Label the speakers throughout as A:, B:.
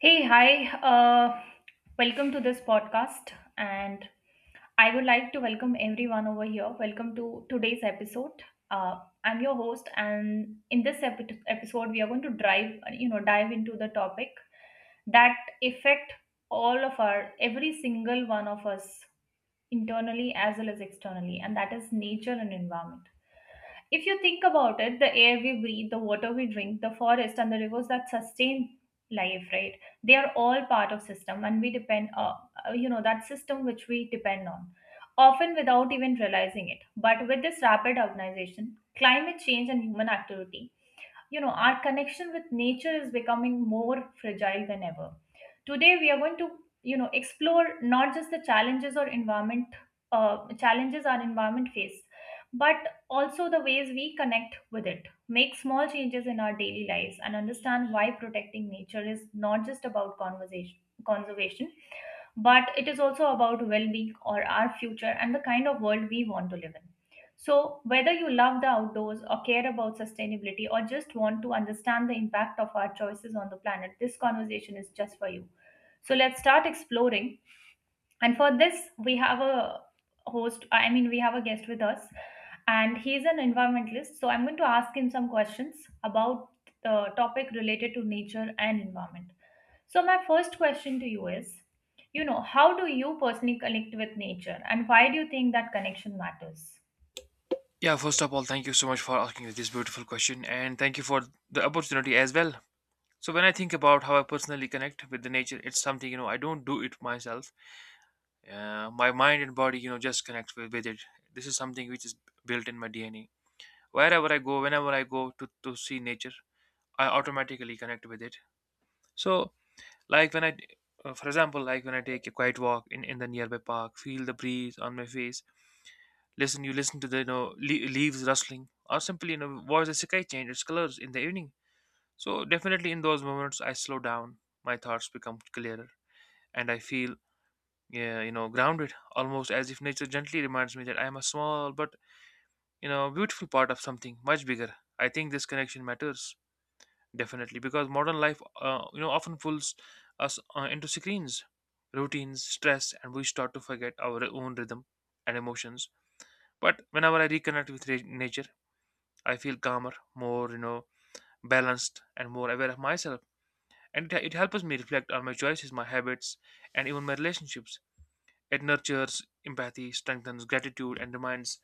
A: Hey, hi. Welcome to this podcast. And I would like to welcome everyone over here. Welcome to today's episode. I'm your host, and in this episode, we are going to dive into the topic that affect every single one of us, internally as well as externally, and that is nature and environment. If you think about it, the air we breathe, the water we drink, the forest and the rivers that sustain life, right? They are all part of system and we depend you know, that system which we depend on, often without even realizing it. But with this rapid urbanization, climate change and human activity, you know our connection with nature is becoming more fragile than ever. Today we are going to explore not just the challenges or environment uh, challenges our environment face, but also the ways we connect with it, make small changes in our daily lives, and understand why protecting nature is not just about conversation conservation, but it is also about well-being or our future and the kind of world we want to live in. So, whether you love the outdoors or care about sustainability or just want to understand the impact of our choices on the planet, this conversation is just for you. So, let's start exploring. And for this, we have a we have a guest with us, and he's an environmentalist. So, I'm going to ask him some questions about the topic related to nature and environment. So, my first question to you is, you know, how do you personally connect with nature, and why do you think that connection matters?
B: Yeah, first of all, thank you so much for asking this beautiful question and thank you for the opportunity as well. So, when I think about how I personally connect with the nature, it's something I don't do it myself. My mind and body, you know, just connect with it. This is something which is built in my DNA. Wherever I go, whenever I go to see nature, I automatically connect with it. So, like when I, for example, like when I take a quiet walk in the nearby park, feel the breeze on my face. Listen, you listen to the leaves rustling, or simply watch the sky change its colors in the evening. So definitely in those moments, I slow down. My thoughts become clearer, and I feel, yeah, grounded, almost as if nature gently reminds me that I am a small but, beautiful part of something much bigger. I think this connection matters definitely because modern life you know often pulls us into screens, routines, stress, and we start to forget our own rhythm and emotions. But whenever I reconnect with nature, I feel calmer, more, you know, balanced and more aware of myself. And it helps me reflect on my choices, my habits, and even my relationships. It nurtures empathy, strengthens gratitude, and reminds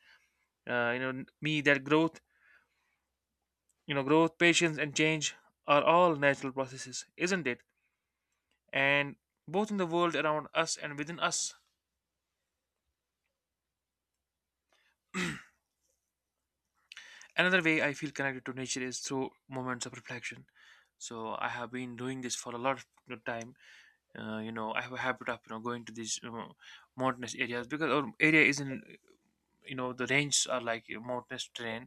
B: uh, you know me that growth, you know, growth, patience, and change are all natural processes, isn't it? And both in the world around us and within us. Another way I feel connected to nature is through moments of reflection. So I have been doing this for a lot of time. You know, I have a habit of going to these you mountainous areas because our area is in, you know, the ranges are like a mountainous terrain.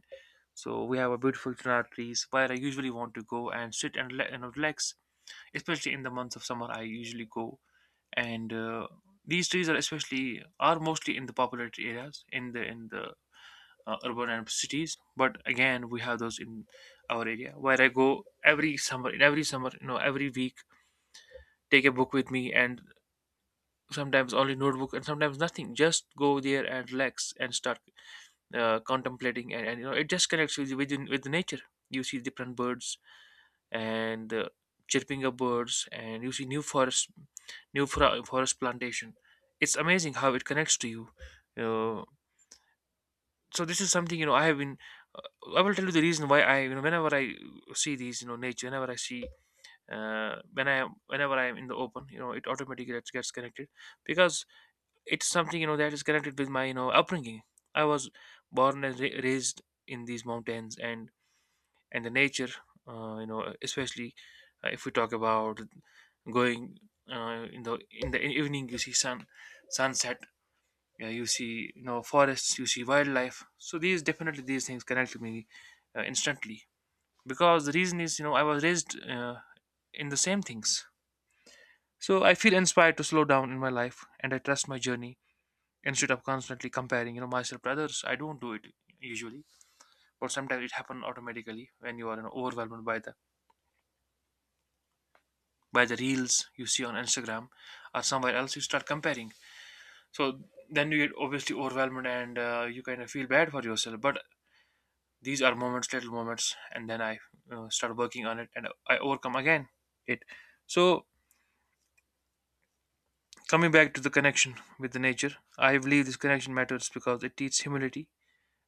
B: So we have a beautiful chinar trees where I usually want to go and sit and you know, relax. Especially in the months of summer, I usually go and these trees are especially are mostly in the populated areas in the urban and cities. But again, we have those in our area where I go every summer. In every summer, you know, every week, take a book with me and sometimes only notebook and sometimes nothing, just go there and relax and start contemplating and, you know, it just connects with the nature. You see different birds and, chirping of birds, and you see new forest, new forest plantation. It's amazing how it connects to you. uh, so this is something, you know, I have been, I will tell you the reason why I, you know, whenever I see these, you know, nature, whenever I see, whenever I am in the open, you know, it automatically gets connected because it's something, you know, that is connected with my, you know, upbringing. I was born and raised in these mountains, and the nature, you know, especially if we talk about going, in the evening, you see sun, sunset, yeah, you see, you know, forests, you see wildlife. So these definitely these things connect to me instantly, because the reason is, you know, I was raised, in the same things. So I feel inspired to slow down in my life, and I trust my journey instead of constantly comparing, you know, myself to others. I don't do it usually, but sometimes it happens automatically when you are, you know, overwhelmed by the reels you see on Instagram or somewhere else. You start comparing, so then you get obviously overwhelmed, and you kind of feel bad for yourself. But these are moments, little moments, and then I start working on it and I overcome again it. So coming back to the connection with the nature, I believe this connection matters because it teaches humility,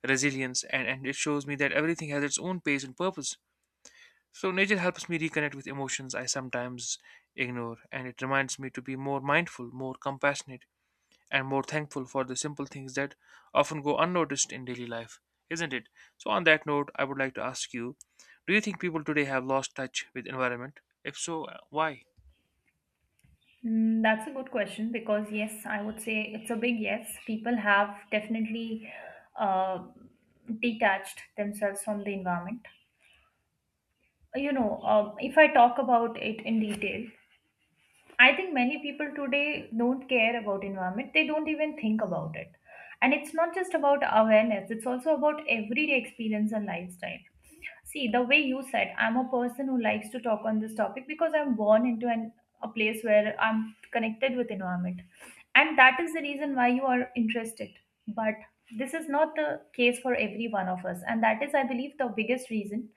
B: resilience, and it shows me that everything has its own pace and purpose. So, nature helps me reconnect with emotions I sometimes ignore, and it reminds me to be more mindful, more compassionate, and more thankful for the simple things that often go unnoticed in daily life, isn't it? So, on that note, I would like to ask you, do you think people today have lost touch with environment? If so, why?
A: Mm, that's a good question because, yes, I would say it's a big yes. People have definitely uh, detached themselves from the environment. If I talk about it in detail, I think many people today don't care about environment. They don't even think about it. And it's not just about awareness, it's also about everyday experience and lifestyle. See, the way you said, I'm a person who likes to talk on this topic because I'm born into a place where I'm connected with environment. And that is the reason why you are interested. But this is not the case for every one of us. And that is, I believe, the biggest reason.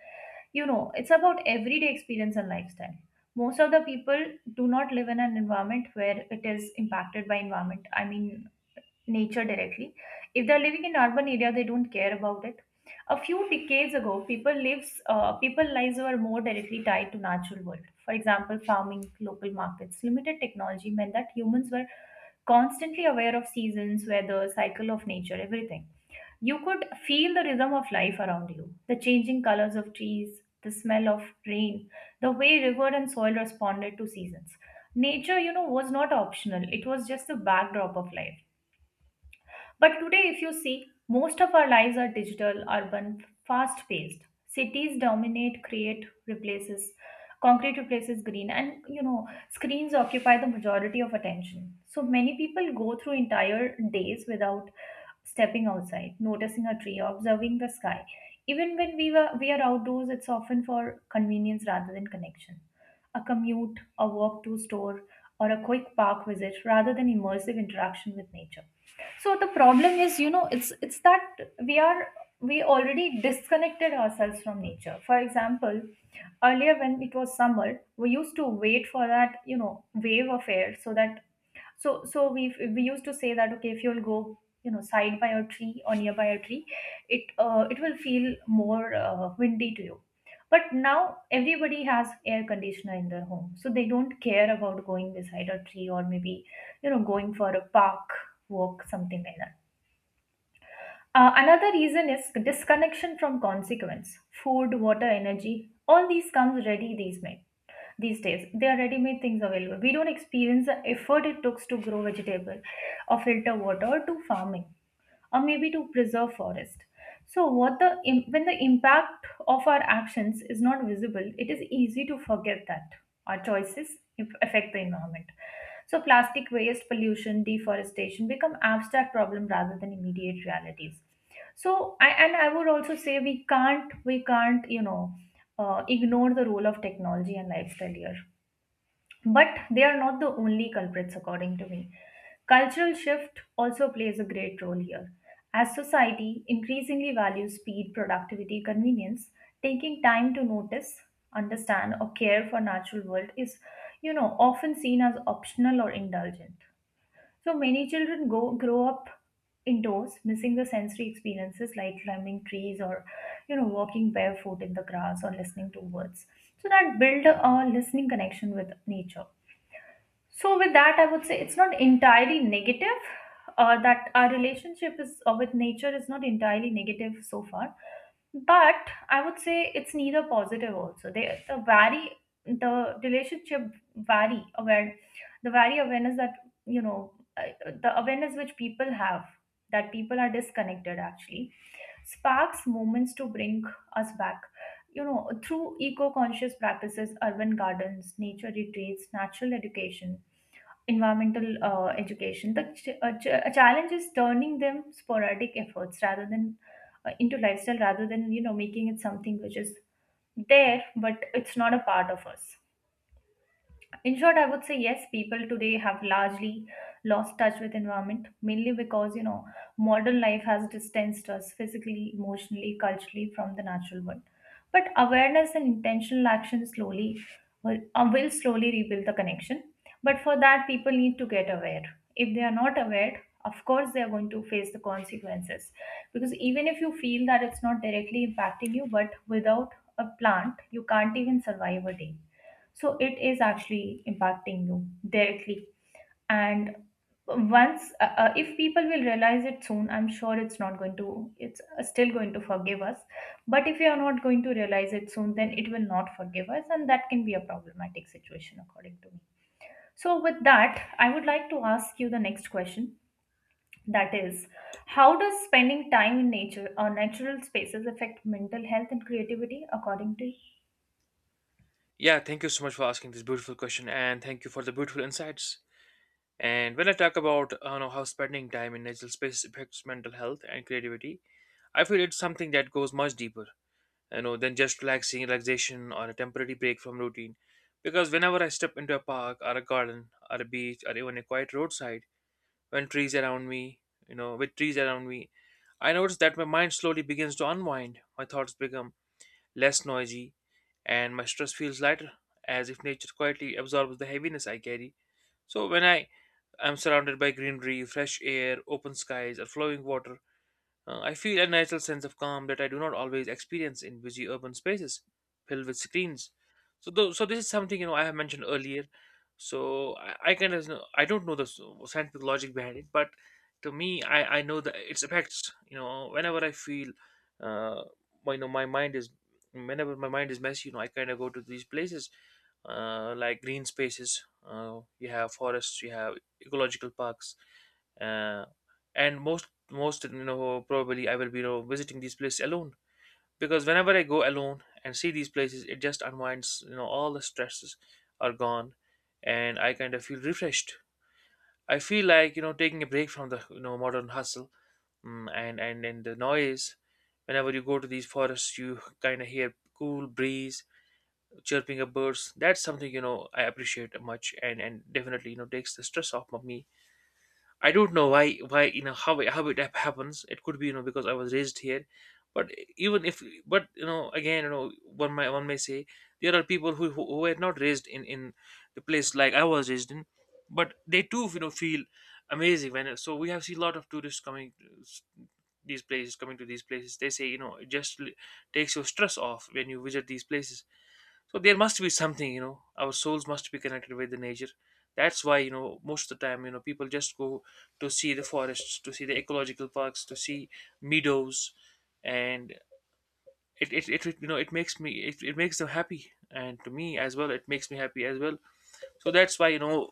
A: You know, it's about everyday experience and lifestyle. Most of the people do not live in an environment where it is impacted by environment I mean nature directly. If they're living in urban area, they don't care about it. A few decades ago, people lives were more directly tied to natural world. For example, farming, local markets, limited technology meant that humans were constantly aware of seasons, weather, cycle of nature, everything. You could feel the rhythm of life around you, the changing colors of trees, the smell of rain, the way river and soil responded to seasons. Nature, you know, was not optional. It was just the backdrop of life. But today, if you see, most of our lives are digital, urban, fast paced. Cities dominate, create, replaces, concrete replaces green, and you know, screens occupy the majority of attention. So many people go through entire days without stepping outside, noticing a tree, observing the sky. Even when we are outdoors, it's often for convenience rather than connection. A commute, a walk to store, or a quick park visit rather than immersive interaction with nature. So the problem is, you know, it's that we are, we already disconnected ourselves from nature. For example, earlier when it was summer we used to wait for that, you know, wave of air, so that, so we used to say that okay, if you'll go, you know, side by a tree or nearby a tree, it will feel more windy to you. But now everybody has air conditioner in their home, so they don't care about going beside a tree or maybe, you know, going for a park walk, something like that. Another reason is disconnection from consequence. Food, water, energy, all these comes ready these made these days. They are ready-made things available. We don't experience the effort it takes to grow vegetable or filter water or do farming or maybe to preserve forest. So what the when the impact of our actions is not visible, it is easy to forget that our choices affect the environment. So plastic waste, pollution, deforestation become abstract problem rather than immediate realities. So I would also say we can't you know, ignore the role of technology and lifestyle here, but they are not the only culprits, according to me. Cultural shift also plays a great role here. As society increasingly values speed, productivity, convenience, taking time to notice, understand, or care for natural world is, you know, often seen as optional or indulgent. So many children go grow up indoors, missing the sensory experiences like climbing trees or, you know, walking barefoot in the grass or listening to birds. So that build a listening connection with nature. So, with that, I would say it's not entirely negative that our relationship is with nature is not entirely negative so far, but I would say it's neither positive also. They the vary the relationship vary aware the vary awareness that, you know, the awareness which people have, that people are disconnected actually, sparks moments to bring us back, you know, through eco-conscious practices, urban gardens, nature retreats, natural education, environmental education, a challenge is turning them sporadic efforts rather than into lifestyle, rather than, you know, making it something which is there but it's not a part of us. In short, I would say yes, people today have largely lost touch with environment, mainly because, you know, modern life has distanced us physically, emotionally, culturally from the natural world. But awareness and intentional action slowly will slowly rebuild the connection. But for that people need to get aware. If they are not aware, of course they are going to face the consequences, because even if you feel that it's not directly impacting you, but without a plant you can't even survive a day, so it is actually impacting you directly. And if people will realize it soon, I'm sure it's not going to, it's still going to forgive us. But if you are not going to realize it soon, then it will not forgive us. And that can be a problematic situation, according to me. So, with that, I would like to ask you the next question. That is, how does spending time in nature or natural spaces affect mental health and creativity, according to you?
B: Yeah, thank you so much for asking this beautiful question, and thank you for the beautiful insights. And when I talk about you know, how spending time in natural spaces affects mental health and creativity, I feel it's something that goes much deeper, you know, than just relaxation or a temporary break from routine. Because whenever I step into a park or a garden or a beach or even a quiet roadside, when trees around me, you know, with trees around me, I notice that my mind slowly begins to unwind. My thoughts become less noisy, and my stress feels lighter, as if nature quietly absorbs the heaviness I carry. So when I am surrounded by greenery, fresh air, open skies, or flowing water, I feel a natural sense of calm that I do not always experience in busy urban spaces filled with screens. So this is something, you know, I have mentioned earlier. So I kind of know, I don't know the scientific logic behind it, but to me, I know that its effects. You know, whenever I feel, uh, you know, my mind is whenever my mind is messy, you know, I kind of go to these places, like green spaces. You have forests, you have ecological parks, uh, and most, you know, probably I will be, you know, visiting these places alone, because whenever I go alone and see these places, it just unwinds. You know, all the stresses are gone, and I kind of feel refreshed. I feel like, you know, taking a break from the, you know, modern hustle, and the noise. Whenever you go to these forests, you kind of hear cool breeze, chirping of birds. That's something, you know, I appreciate much, and definitely, you know, takes the stress off of me. I don't know why, you know, how it happens. It could be, you know, because I was raised here, but even if, but, you know, again, you know, one may say there are people who were not raised in the place like I was raised in, but they too, you know, feel amazing when, so we have seen a lot of tourists coming to these places. They say, you know, it just takes your stress off when you visit these places. So there must be something, you know, our souls must be connected with the nature. That's why, you know, most of the time, you know, people just go to see the forests, to see the ecological parks, to see meadows, and it you know, it makes them happy, and to me as well, it makes me happy as well. So that's why, you know,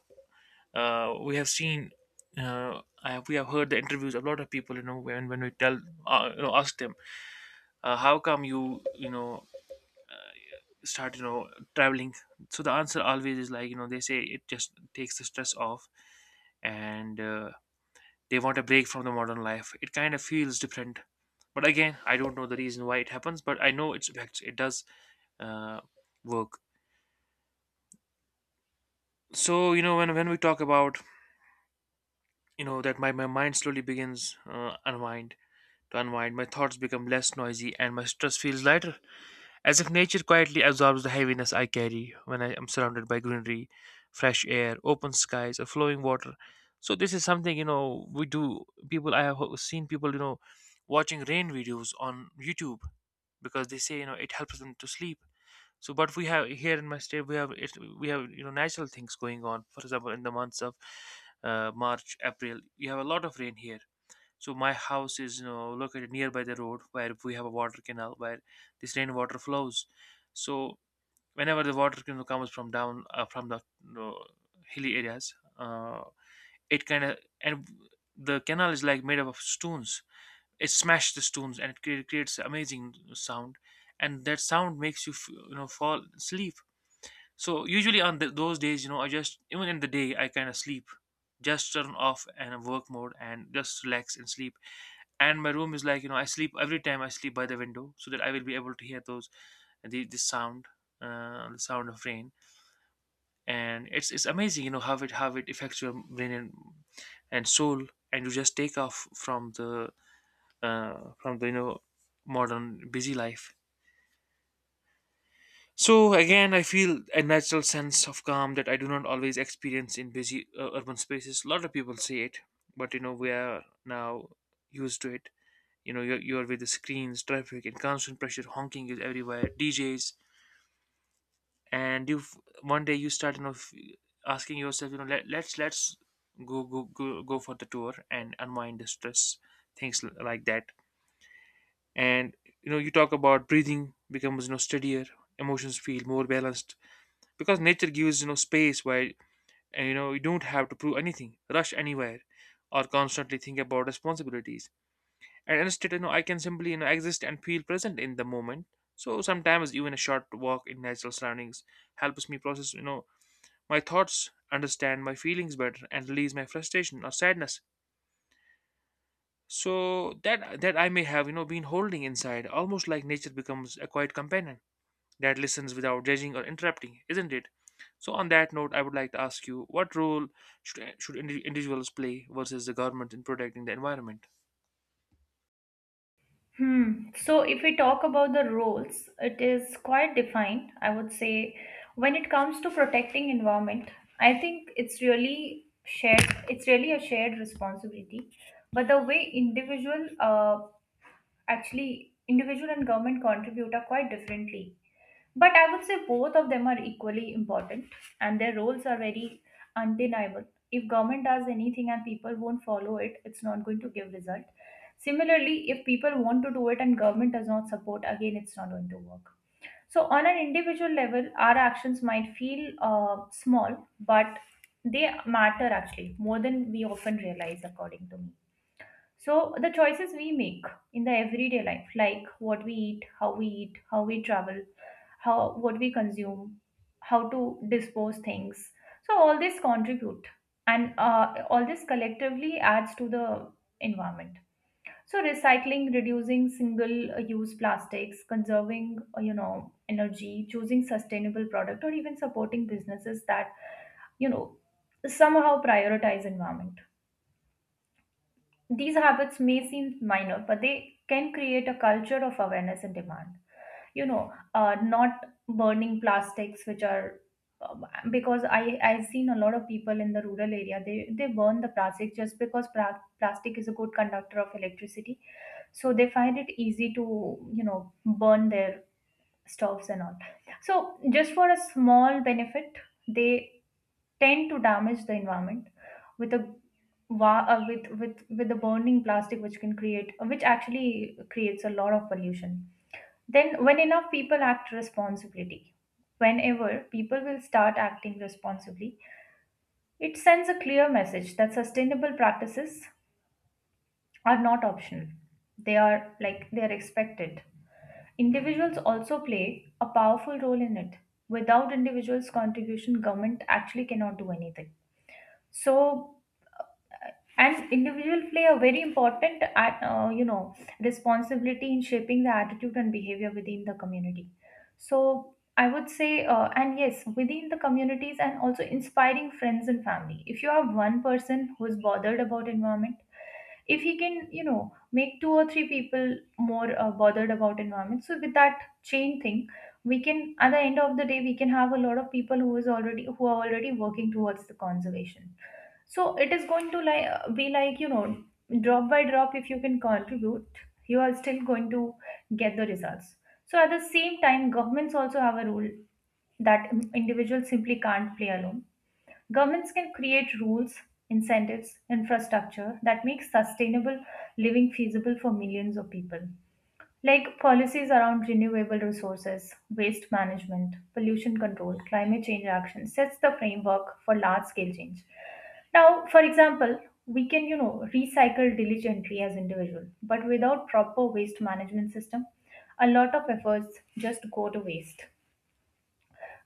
B: we have seen, we have heard the interviews of a lot of people, you know, when we tell, you know, ask them, how come you, you know, uh, start, you know, traveling. So the answer always is like, you know, they say it just takes the stress off, and they want a break from the modern life. It kind of feels different, but again, I don't know the reason why it happens, but I know it's effects. It does uh, work. So you know, when we talk about, you know, that my mind slowly begins, unwind. My thoughts become less noisy and my stress feels lighter, as if nature quietly absorbs the heaviness I carry when I am surrounded by greenery, fresh air, open skies, or flowing water. So this is something, you know, we do. People, I have seen people, you know, watching rain videos on YouTube because they say, you know, it helps them to sleep. So, but we have here in my state, we have, you know, natural things going on. For example, in the months of March, April, you have a lot of rain here. So my house is, you know, located nearby the road where we have a water canal where this rainwater flows. So whenever the water canal comes from down, from the, you know, hilly areas, it kind of, and the canal is like made up of stones. It smashes the stones and it creates amazing sound, and that sound makes you f- you know fall asleep. So usually on th those days, I just even in the day I kind of sleep, just turn off and work mode and just relax and sleep. And my room is like I sleep every time I sleep by the window so that I will be able to hear those the this sound, the sound of rain. And it's amazing you know how it affects your brain and soul. And you just take off from the uh, from the you know modern busy life. So again, I feel a natural sense of calm that I do not always experience in busy urban spaces. A lot of people say it, but you know we are now used to it. You're with the screens, traffic, and constant pressure. Honking is everywhere. DJs, and you one day you start asking yourself, let's go for the tour and unwind the stress, things l- like that. And you know you talk about breathing becomes steadier, emotions feel more balanced because nature gives space where you don't have to prove anything, rush anywhere or constantly think about responsibilities, and instead I can simply exist and feel present in the moment. So sometimes even a short walk in natural surroundings helps me process my thoughts, understand my feelings better, and release my frustration or sadness that I may have been holding inside, almost like nature becomes a quiet companion that listens without judging or interrupting, isn't it? So, on that note, I would like to ask you what role should individuals play versus the government in protecting the environment?
A: Hmm. So, if we talk about the roles, it is quite defined. I would say, when it comes to protecting environment, I think it's really shared. It's really a shared responsibility. But the way individual actually, individual and government contribute are quite differently. But I would say both of them are equally important and their roles are very undeniable. If government does anything and people won't follow it, it's not going to give result. Similarly, if people want to do it and government does not support, again, it's not going to work. So on an individual level, our actions might feel small, but they matter actually more than we often realize, according to me. So the choices we make in the everyday life, like what we eat, how we eat, how we travel, how what we consume, how to dispose things. So all this contribute, and all this collectively adds to the environment. So recycling, reducing single-use plastics, conserving you know, energy, choosing sustainable product, or even supporting businesses that, you know, somehow prioritize environment. These habits may seem minor, but they can create a culture of awareness and demand. You know, not burning plastics, which are um, because I've seen a lot of people in the rural area, they burn the plastic just because plastic is a good conductor of electricity, so they find it easy to, you know, burn their stoves and all. So just for a small benefit, they tend to damage the environment with a wa- with the burning plastic which can create, which actually creates a lot of pollution. Then when enough people act responsibility Whenever people will start acting responsibly, it sends a clear message that sustainable practices are not optional, they are expected. Individuals also play a powerful role in it. Without individuals contribution, government actually cannot do anything. So and individual play a very important responsibility in shaping the attitude and behavior within the community. So I would say, and yes, within the communities, and also inspiring friends and family. If you have one person who's bothered about environment, if he can, you know, make two or three people more, bothered about environment, so with that chain thing, we can at the end of the day we can have a lot of people who are already working towards the conservation. So it is going to, like, be like, you know, drop by drop. If you can contribute, you are still going to get the results. So at the same time, governments also have a role that individuals simply can't play alone. Governments can create rules, incentives, infrastructure that makes sustainable living feasible for millions of people, like policies around renewable resources, waste management, pollution control, climate change action sets the framework for large scale change. Now, for example, we can, recycle diligently as individual, but without proper waste management system, a lot of efforts just go to waste.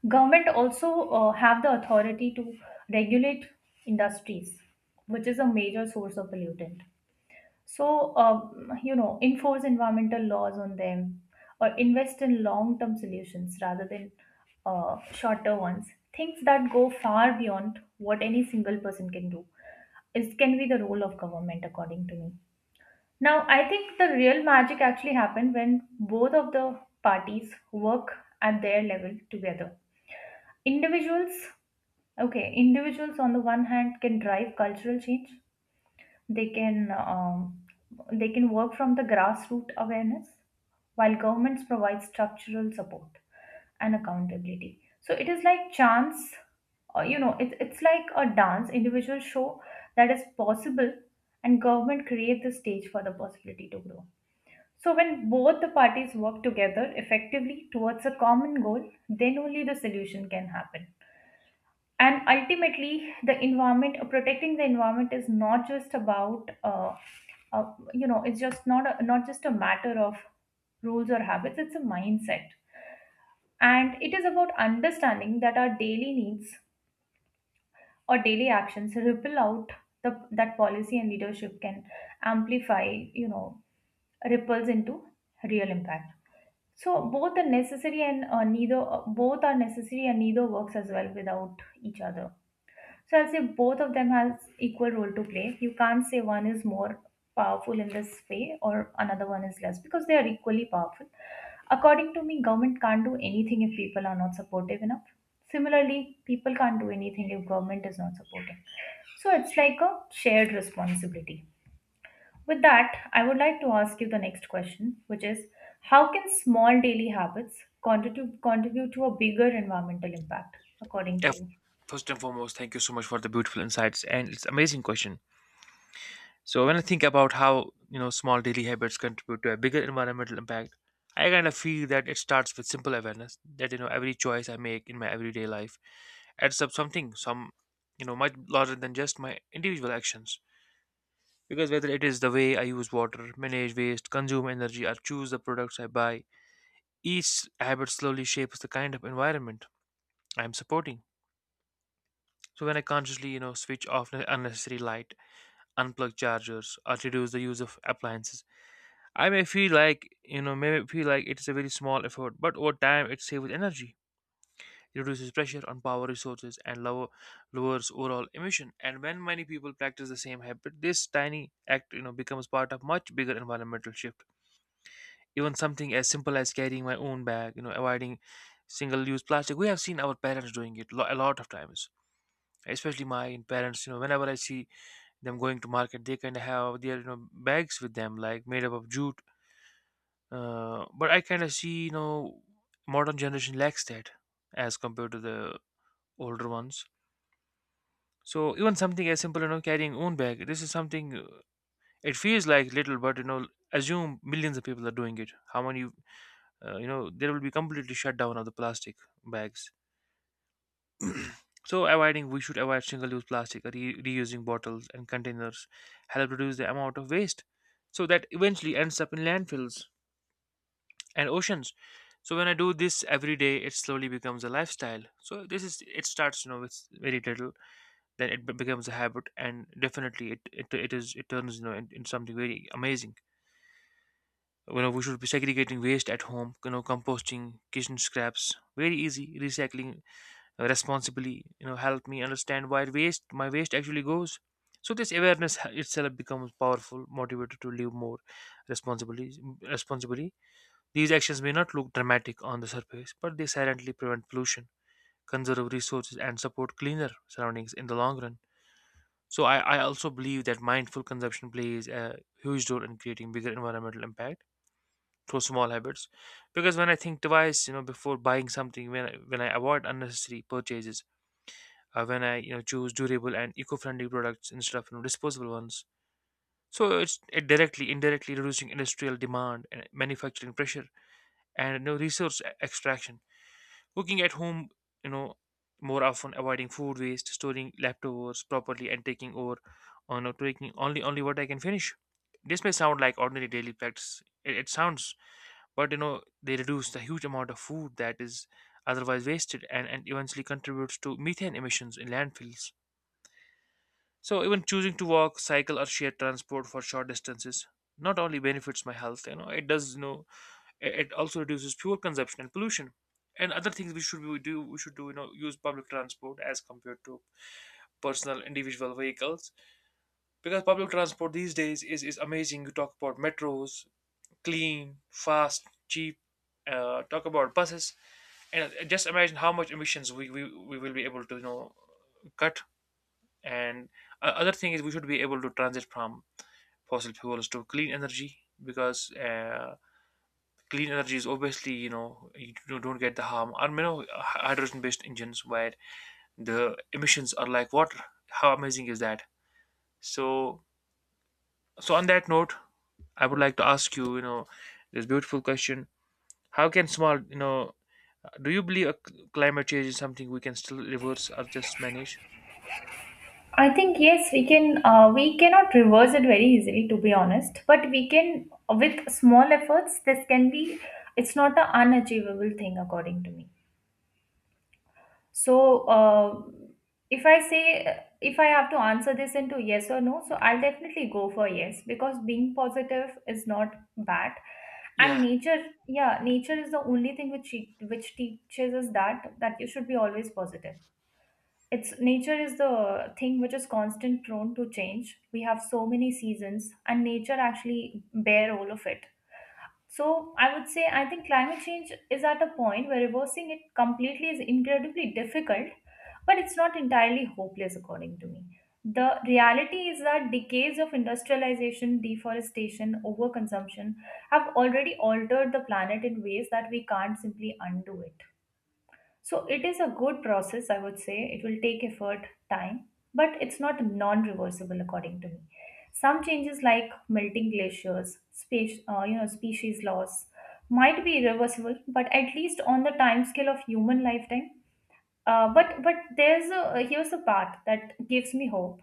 A: Government also have the authority to regulate industries, which is a major source of pollutant. So, enforce environmental laws on them or invest in long-term solutions rather than shorter ones. Things that go far beyond what any single person can do is can be the role of government, according to me. Now, I think the real magic actually happened when both of the parties work at their level together. Individuals Okay, individuals on the one hand can drive cultural change. They can um, they can work from the grassroots awareness, while governments provide structural support and accountability. So it is like chance, you know, it, it's like a dance. Individuals show that is possible, and government create the stage for the possibility to grow. So when both the parties work together effectively towards a common goal, then only the solution can happen, and ultimately the environment, protecting the environment, is not just about it's just not a, not just a matter of rules or habits. It's a mindset, and it is about understanding that our daily needs or daily actions ripple out, that policy and leadership can amplify, you know ripples into real impact. So both are necessary, and neither both are necessary and neither works as well without each other. So I'll say both of them has equal role to play. You can't say one is more powerful in this way or another one is less, because they are equally powerful. According to me, government can't do anything if people are not supportive enough. Similarly, people can't do anything if government is not supportive. So it's like a shared responsibility. With that, I would like to ask you the next question, which is, how can small daily habits contribute to a bigger environmental impact, according to
B: Yeah,
A: you?
B: first and foremost, thank you so much for the beautiful insights and it's amazing question. So, when I think about how small daily habits contribute to a bigger environmental impact, I kind of feel that it starts with simple awareness that you know every choice I make in my everyday life adds up something, some much larger than just my individual actions. Because whether it is the way I use water, manage waste, consume energy, or choose the products I buy, each habit slowly shapes the kind of environment I am supporting. So when I consciously, switch off the unnecessary light, unplug chargers, or reduce the use of appliances, I may feel like, it is a very small effort, but over time it saves energy, it reduces pressure on power resources, and lowers overall emission. And when many people practice the same habit, this tiny act, becomes part of much bigger environmental shift. Even something as simple as carrying my own bag, avoiding single-use plastic. We have seen our parents doing a lot of times, especially my parents. You know, whenever I see them going to market, they kind of have their bags with them, like made up of jute. But I kind of see, modern generation lacks that as compared to the older ones. So even something as simple, carrying own bag. This is something. It feels like little, but you know, assume millions of people are doing it. How many there will be completely shut down of the plastic bags. So avoiding we should avoid single-use plastic, reusing bottles and containers help reduce the amount of waste so that eventually ends up in landfills and oceans. So when I do this every day, it slowly becomes a lifestyle. So this is, it starts with very little, then it becomes a habit, and definitely it turns you know in something very amazing. You know, we should be segregating waste at home, composting kitchen scraps, very easy, recycling responsibly. You know, help me understand where waste my waste actually goes. So this awareness itself becomes powerful motivator to live more responsibly responsibly. These actions may not look dramatic on the surface, but they silently prevent pollution, conserve resources, and support cleaner surroundings in the long run. I also believe that mindful consumption plays a huge role in creating bigger environmental impact through small habits, because when I think twice before buying something, when I avoid unnecessary purchases, when I choose durable and eco-friendly products instead of disposable ones. So it's, indirectly reducing industrial demand and manufacturing pressure and resource extraction. Cooking at home, you know, more often, avoiding food waste, storing leftovers properly, and taking over on you know, taking only what I can finish. This may sound like ordinary daily practice. But you know they reduce the huge amount of food that is otherwise wasted and eventually contributes to methane emissions in landfills. So even choosing to walk, cycle, or share transport for short distances not only benefits my health, you know, it does, you know, it also reduces fuel consumption and pollution. And other things we should do, use public transport as compared to personal individual vehicles, because public transport these days is amazing. You talk about metros, clean, fast, cheap, talk about buses, and just imagine how much emissions we will be able to cut. And other thing is, we should be able to transit from fossil fuels to clean energy, because clean energy is obviously, you know, you don't get the harm, or you know, hydrogen based engines where the emissions are like water. How amazing is that? So, so on that note, I would like to ask you, you know this beautiful question. How can small, you know do you believe a c- climate change is something we can still reverse or just manage?
A: I think yes, we can. We cannot reverse it very easily, to be honest. But we can, with small efforts, this can be. It's not an unachievable thing, according to me. So, if I say, if I have to answer this into yes or no, so I'll definitely go for yes, because being positive is not bad, and
B: Yeah.
A: nature is the only thing which which teaches us that you should be always positive. It's, nature is the thing which is constant prone to change. We have so many seasons, and nature actually bear all of it. So I would say, I think climate change is at a point where reversing it completely is incredibly difficult, but it's not entirely hopeless, according to me. The reality is that decades of industrialization, deforestation, overconsumption have already altered the planet in ways that we can't simply undo it. So it is a good process, I would say. It will take effort, time, but it's not non-reversible, according to me. Some changes like melting glaciers, species loss, might be irreversible, but at least on the time scale of human lifetime. But there's a Here's a part that gives me hope.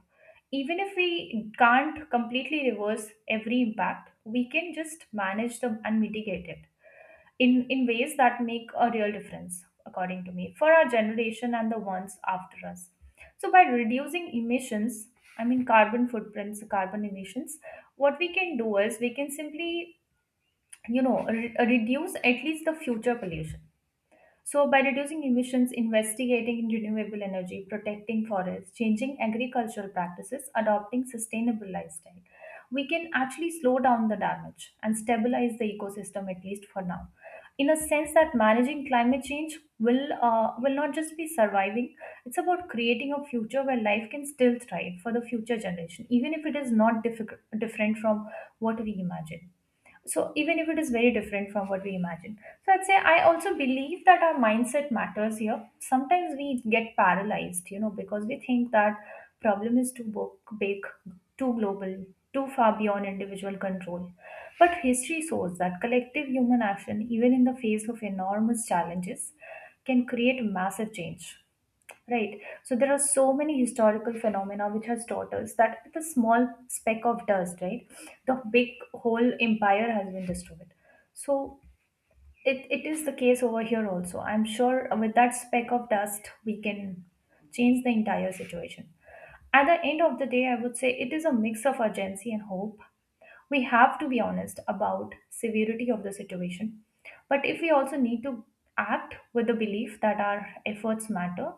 A: Even if we can't completely reverse every impact, we can just manage them and mitigate it in ways that make a real difference, according to me, for our generation and the ones after us. So, by reducing emissions, I mean carbon footprints, carbon emissions, what we can do is we can simply, reduce at least the future pollution. So, by reducing emissions, investigating in renewable energy, protecting forests, changing agricultural practices, adopting sustainable lifestyle, we can actually slow down the damage and stabilize the ecosystem, at least for now. In a sense that managing climate change will, will not just be surviving; it's about creating a future where life can still thrive for the future generation, even if it is not difficult, different from what we imagine. So even if it is very different from what we imagine, so I'd say I also believe that our mindset matters here. Sometimes we get paralyzed, you know, because we think that problem is too big, too global, too far beyond individual control. But history shows that collective human action, even in the face of enormous challenges, can create massive change. Right. So there are so many historical phenomena which has taught us that with a small speck of dust, right, the big whole empire has been destroyed. So it is the case over here also. I'm sure with that speck of dust we can change the entire situation. At the end of the day, I would say it is a mix of urgency and hope. We have to be honest about severity of the situation. But if we also need to act with the belief that our efforts matter,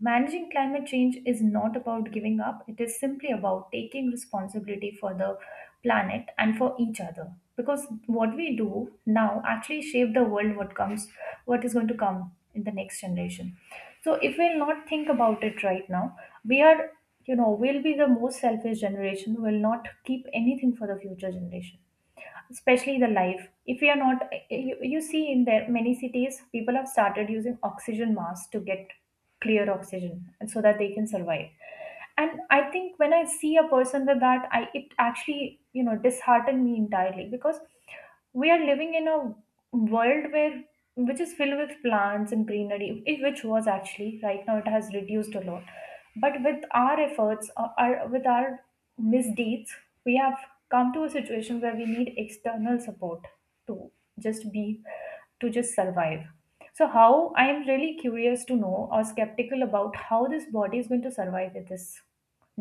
A: managing climate change is not about giving up, it is simply about taking responsibility for the planet and for each other. Because what we do now actually shape the world what comes what is going to come in the next generation. So if we'll not think about it right now, we are, you know, we'll be the most selfish generation, will not keep anything for the future generation, especially the life. If we are not, you see in there many cities people have started using oxygen masks to get clear oxygen and so that they can survive. And I think when I see a person with that, I, it actually, you know, disheartened me entirely, because we are living in a world where, which is filled with plants and greenery, which was actually, right now it has reduced a lot. But with our efforts, with our misdeeds, we have come to a situation where we need external support to just be, to just survive. So, how, I am really curious to know or skeptical about how this body is going to survive with this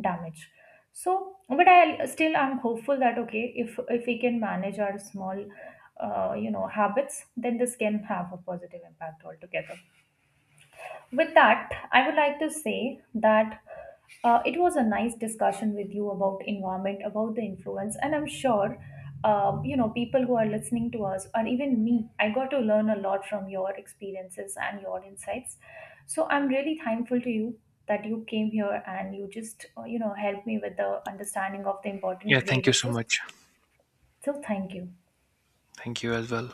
A: damage. So, but I still, I'm hopeful that okay, if we can manage our small, habits, then this can have a positive impact altogether. With that, I would like to say that it was a nice discussion with you about environment, about the influence, and I'm sure, people who are listening to us, or even me, I got to learn a lot from your experiences and your insights. So I'm really thankful to you that you came here and you just, helped me with the understanding of the important
B: Yeah, thank
A: grave
B: you so
A: issues.
B: much.
A: So thank you.
B: Thank you as well.